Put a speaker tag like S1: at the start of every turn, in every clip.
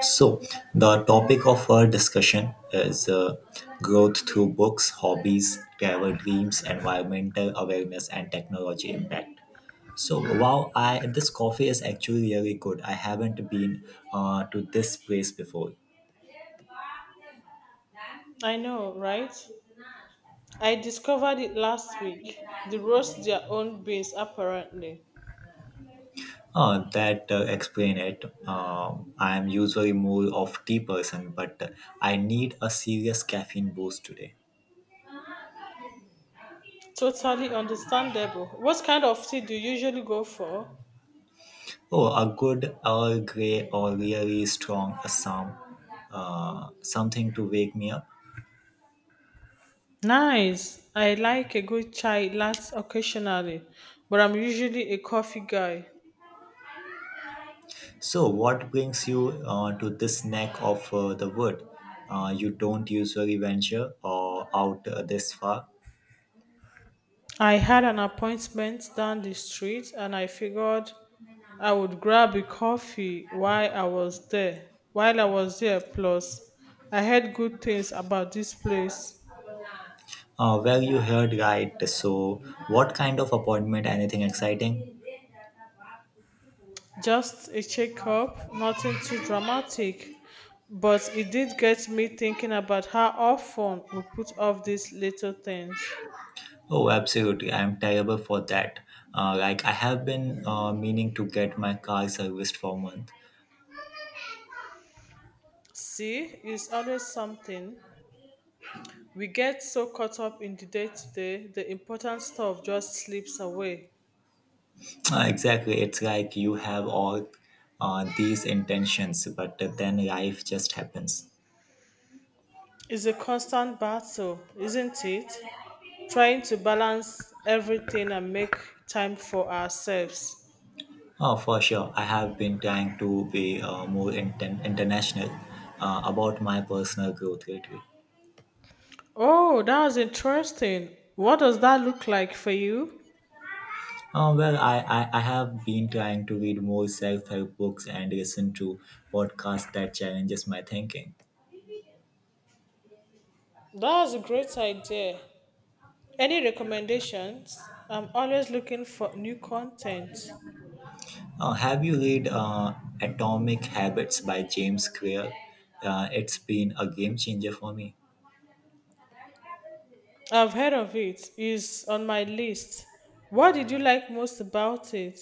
S1: So, the topic of our discussion is growth through books, hobbies, travel dreams, environmental awareness, and technology impact. So, wow, I this coffee is actually really good. I haven't been to this place before.
S2: I know, right? I discovered it last week. They roast their own beans, apparently.
S1: That explain it. I am usually more of tea person, but I need a serious caffeine boost today.
S2: Totally understandable. What kind of tea do you usually go for?
S1: Oh, a good Earl Grey or really strong Assam. Something to wake me up.
S2: Nice. I like a good chai latte occasionally, but I'm usually a coffee guy.
S1: So, what brings you to this neck of the wood? You don't usually venture or out this far.
S2: I had an appointment down the street and I figured I would grab a coffee while I was there, plus, I heard good things about this place.
S1: Well, you heard right. So, what kind of appointment? Anything exciting?
S2: Just a checkup, nothing too dramatic. But it did get me thinking about how often we put off these little things.
S1: Oh, absolutely. I'm terrible for that. Like, I have been meaning to get my car serviced for a month.
S2: See, it's always something. We get so caught up in the day to day, the important stuff just slips away.
S1: Exactly. It's like you have all these intentions, but then life just happens.
S2: It's a constant battle, isn't it? Trying to balance everything and make time for ourselves.
S1: Oh, for sure. I have been trying to be more international about my personal growth lately.
S2: Oh, that was interesting. What does that look like for you?
S1: Well, I have been trying to read more self-help books and listen to podcasts that challenges my thinking.
S2: That's a great idea. Any recommendations? I'm always looking for new content.
S1: Have you read Atomic Habits by James Clear? It's been a game changer for me.
S2: I've heard of it. It's on my list. What did you like most about it?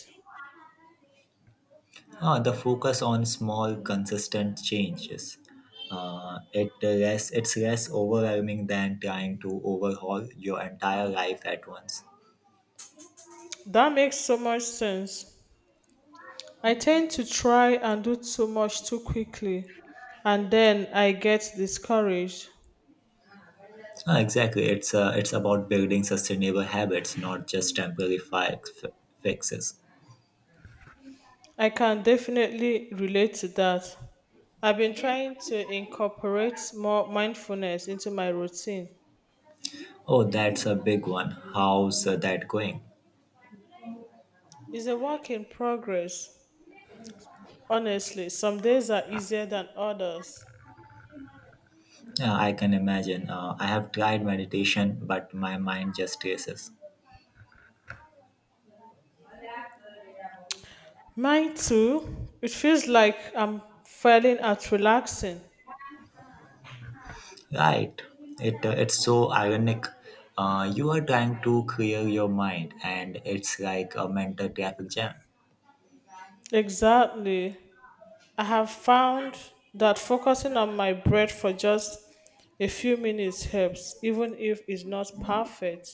S1: Ah, the focus on small, consistent changes. It's less overwhelming than trying to overhaul your entire life at once.
S2: That makes so much sense. I tend to try and do too much too quickly, and then I get discouraged.
S1: Ah, exactly. It's about building sustainable habits, not just temporary fixes.
S2: I can definitely relate to that. I've been trying to incorporate more mindfulness into my routine.
S1: Oh, that's a big one. How's that going?
S2: It's a work in progress. Honestly, some days are easier than others.
S1: Yeah, I can imagine. I have tried meditation, but my mind just races.
S2: Mine too. It feels like I'm failing at relaxing.
S1: Right. It it's so ironic. You are trying to clear your mind, and it's like a mental traffic jam.
S2: Exactly. I have found that focusing on my breath for just a few minutes helps, even if it's not perfect.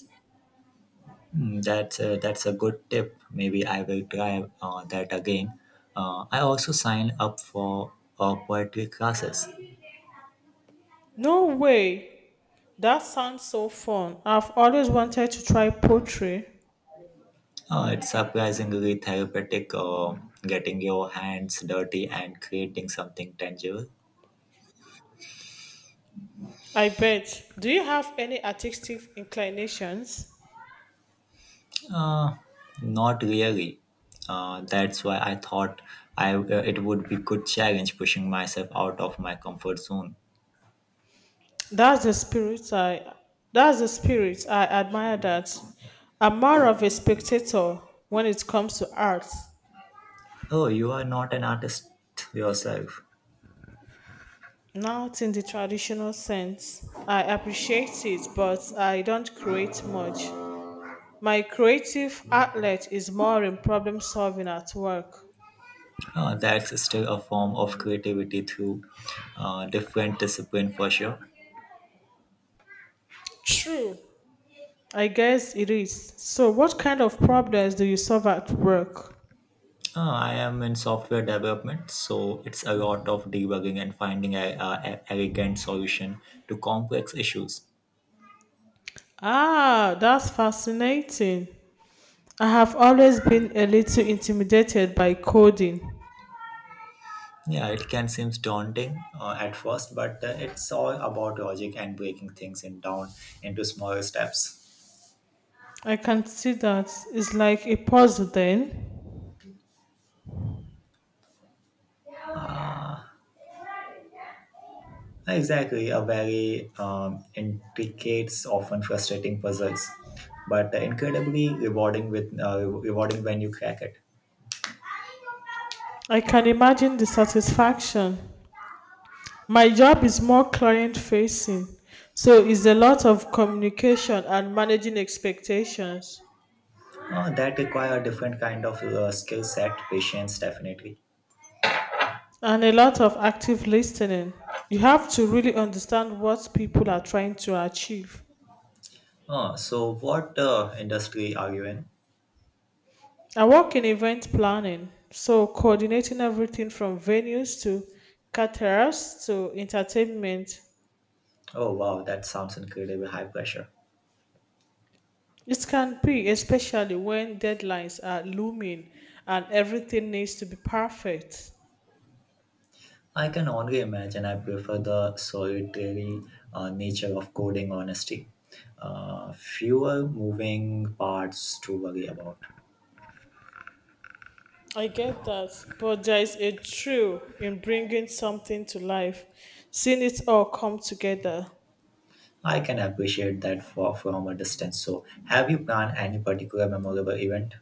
S1: Mm, that's a good tip. Maybe I will try that again. I also signed up for poetry classes.
S2: No way! That sounds so fun. I've always wanted to try poetry.
S1: It's surprisingly therapeutic. Getting your hands dirty and creating something tangible.
S2: I bet. Do you have any artistic inclinations?
S1: Uh, Not really. That's why I thought I it would be good challenge pushing myself out of my comfort zone.
S2: That's the spirit I that's the spirit. I admire that. I'm more of a spectator when it comes to art.
S1: Oh, you are not an artist yourself.
S2: Not in the traditional sense. I appreciate it, but I don't create much. My creative outlet is more in problem solving at work.
S1: That's still a form of creativity through different discipline for sure.
S2: True. I guess it is. So, what kind of problems do you solve at work?
S1: I am in software development, so it's a lot of debugging and finding a elegant solution to complex issues.
S2: Ah, that's fascinating. I have always been a little intimidated by coding.
S1: Yeah, it can seem daunting at first, but it's all about logic and breaking things in down into smaller steps.
S2: I can see that it's like a puzzle then.
S1: Exactly, a very intricate, often frustrating puzzles, but incredibly rewarding with rewarding when you crack it.
S2: I can imagine the satisfaction. My job is more client facing, so it's a lot of communication and managing expectations,
S1: That require a different kind of skill set, patience, definitely.
S2: and a lot of active listening. You have to really understand what people are trying to achieve.
S1: So, what industry are you in?
S2: I work in event planning, so coordinating everything from venues to caterers to entertainment.
S1: Oh wow, that sounds incredibly high pressure.
S2: It can be, especially when deadlines are looming and everything needs to be perfect.
S1: I can only imagine. I prefer the solitary nature of coding honesty. Fewer moving parts to worry about.
S2: I get that, but there is a thrill in bringing something to life, seeing it all come together.
S1: I can appreciate that from a distance. So, have you planned any particular memorable event?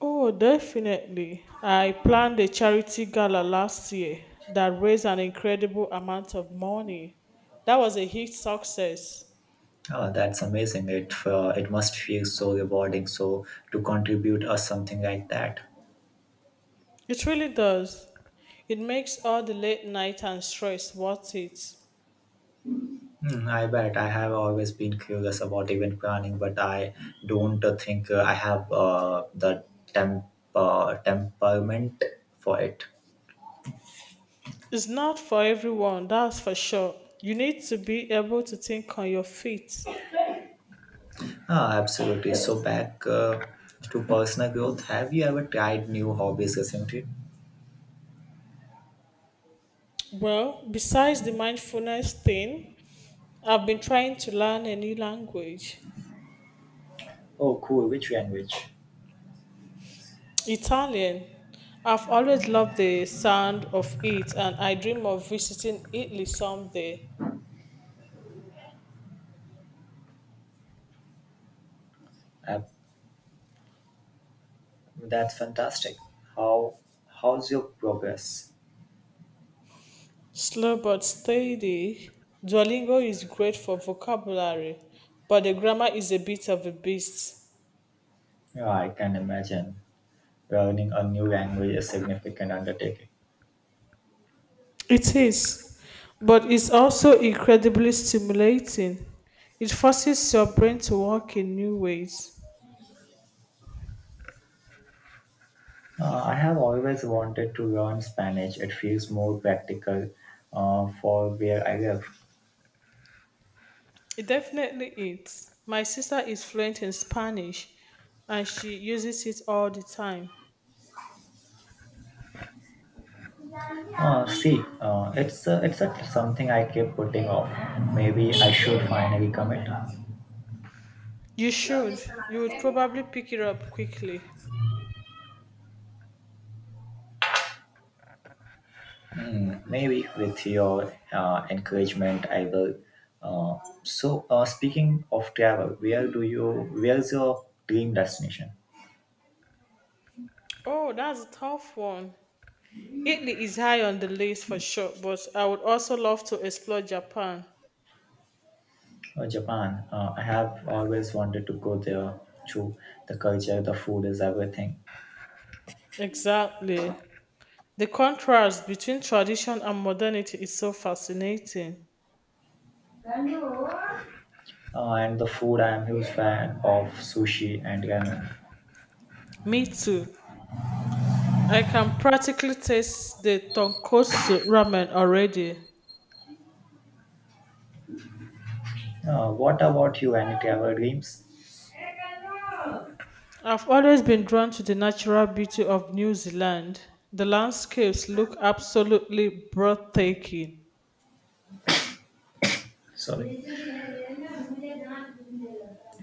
S2: Oh, definitely. I planned a charity gala last year that raised an incredible amount of money. That was a huge success.
S1: Oh, that's amazing. It, it must feel so rewarding. So, to contribute or something like that.
S2: It really does. It makes all the late night and stress worth it.
S1: Hmm, I bet I have always been curious about event planning, but I don't think I have the temp temperament for it.
S2: It's not for everyone, that's for sure. You need to be able to think on your feet.
S1: Ah, absolutely. So back to personal growth. Have you ever tried new hobbies recently?
S2: Well, besides the mindfulness thing, I've been trying to learn a new language.
S1: Oh, cool. Which language?
S2: Italian. I've always loved the sound of it and I dream of visiting Italy someday.
S1: Uh, that's fantastic. How how's your progress?
S2: Slow but steady. Duolingo is great for vocabulary, but the grammar is a bit of a beast.
S1: Yeah, I can imagine. Learning a new language is significant undertaking.
S2: It is, but it's also incredibly stimulating. It forces your brain to work in new ways.
S1: I have always wanted to learn Spanish. It feels more practical for where I live.
S2: It definitely is. My sister is fluent in Spanish and she uses it all the time.
S1: See, it's a, something I keep putting off. Maybe I should finally commit.
S2: You should. You would probably pick it up quickly.
S1: Hmm, maybe with your encouragement, I will. Uh, so, speaking of travel, where do you? Where's your dream destination?
S2: Oh, that's a tough one. Italy is high on the list for sure, but I would also love to explore Japan.
S1: Japan. I have always wanted to go there too. The culture, the food is everything.
S2: Exactly. The contrast between tradition and modernity is so fascinating.
S1: And the food, I am huge fan of sushi and ramen.
S2: Me too. I can practically taste the tonkotsu ramen already.
S1: What about you? Any travel dreams?
S2: I've always been drawn to the natural beauty of New Zealand. The landscapes look absolutely breathtaking.
S1: Sorry.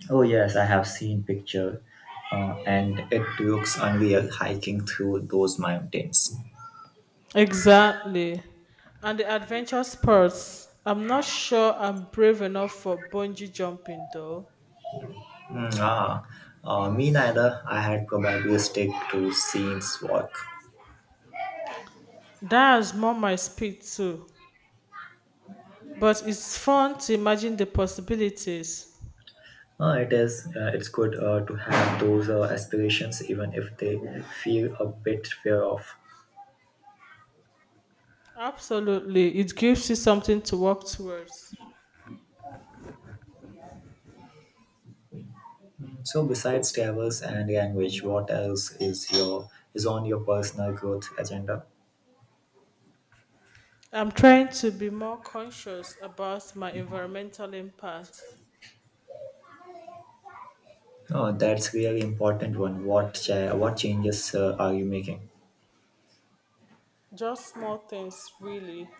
S1: Oh yes, I have seen picture, and it looks unreal hiking through those mountains.
S2: Exactly. And the adventure sports. I'm not sure I'm brave enough for bungee jumping though.
S1: Mm, ah, me neither. I had probably stick to scenes walk.
S2: That's more my speed too. But it's fun to imagine the possibilities.
S1: It is. It's good to have those aspirations, even if they feel a bit fear of.
S2: Absolutely. It gives you something to work towards.
S1: So besides travels and language, what else is your is on your personal growth agenda?
S2: I'm trying to be more conscious about my environmental impact.
S1: Oh, that's really important one. What changes are you making?
S2: Just small things, really.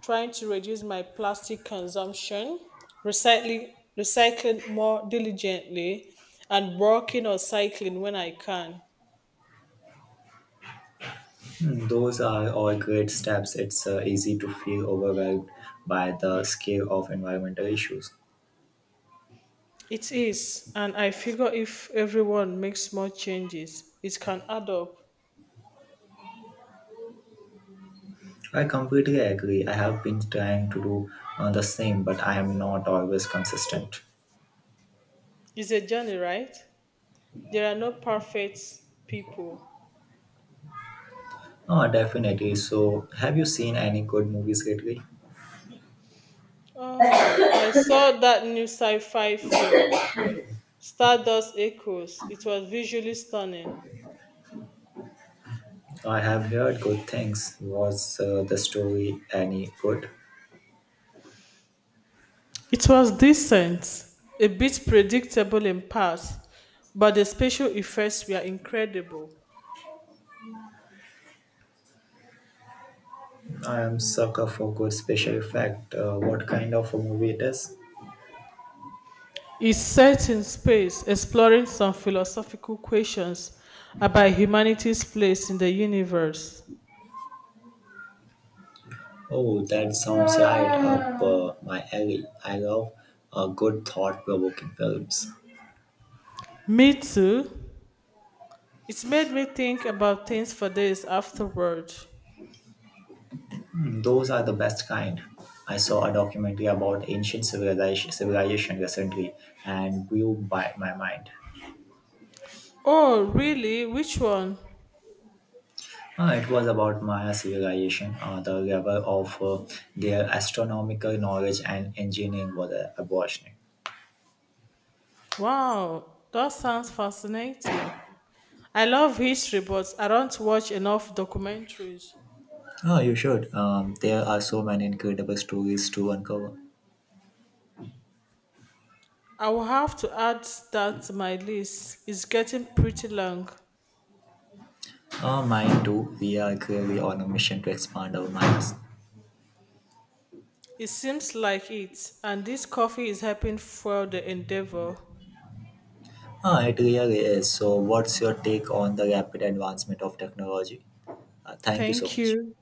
S2: Trying to reduce my plastic consumption, recycling, recycling more diligently, and working on cycling when I can.
S1: Hmm, those are all great steps. It's easy to feel overwhelmed by the scale of environmental issues.
S2: It is, and I figure if everyone makes small changes, it can add up.
S1: I completely agree. I have been trying to do the same, but I am not always consistent.
S2: It's a journey, right? There are no perfect people.
S1: Oh, definitely. So, have you seen any good movies lately?
S2: Oh, I saw that new sci fi film, Stardust Echoes. It was visually stunning.
S1: I have heard good things. Was the story any good?
S2: It was decent, a bit predictable in parts, but the special effects were incredible.
S1: I am sucker for good special effect. What kind of a movie it is?
S2: It's set in space, exploring some philosophical questions about humanity's place in the universe.
S1: Oh, that sounds right up my alley. I love good thought-provoking films.
S2: Me too. It made me think about things for days afterward.
S1: Hmm, those are the best kind. I saw a documentary about civilization recently and blew by my mind.
S2: Oh, really? Which one?
S1: It was about Maya civilization. The level of their astronomical knowledge and engineering was abortioning.
S2: Wow, that sounds fascinating. I love history, but I don't watch enough documentaries.
S1: Oh, you should. There are so many incredible stories to uncover.
S2: I will have to add that. My list is getting pretty long.
S1: Mine too. We are clearly on a mission to expand our minds.
S2: It seems like it, and this coffee is helping fuel the endeavor.
S1: It really is. So, what's your take on the rapid advancement of technology? Thank you so
S2: Thank
S1: much.
S2: you.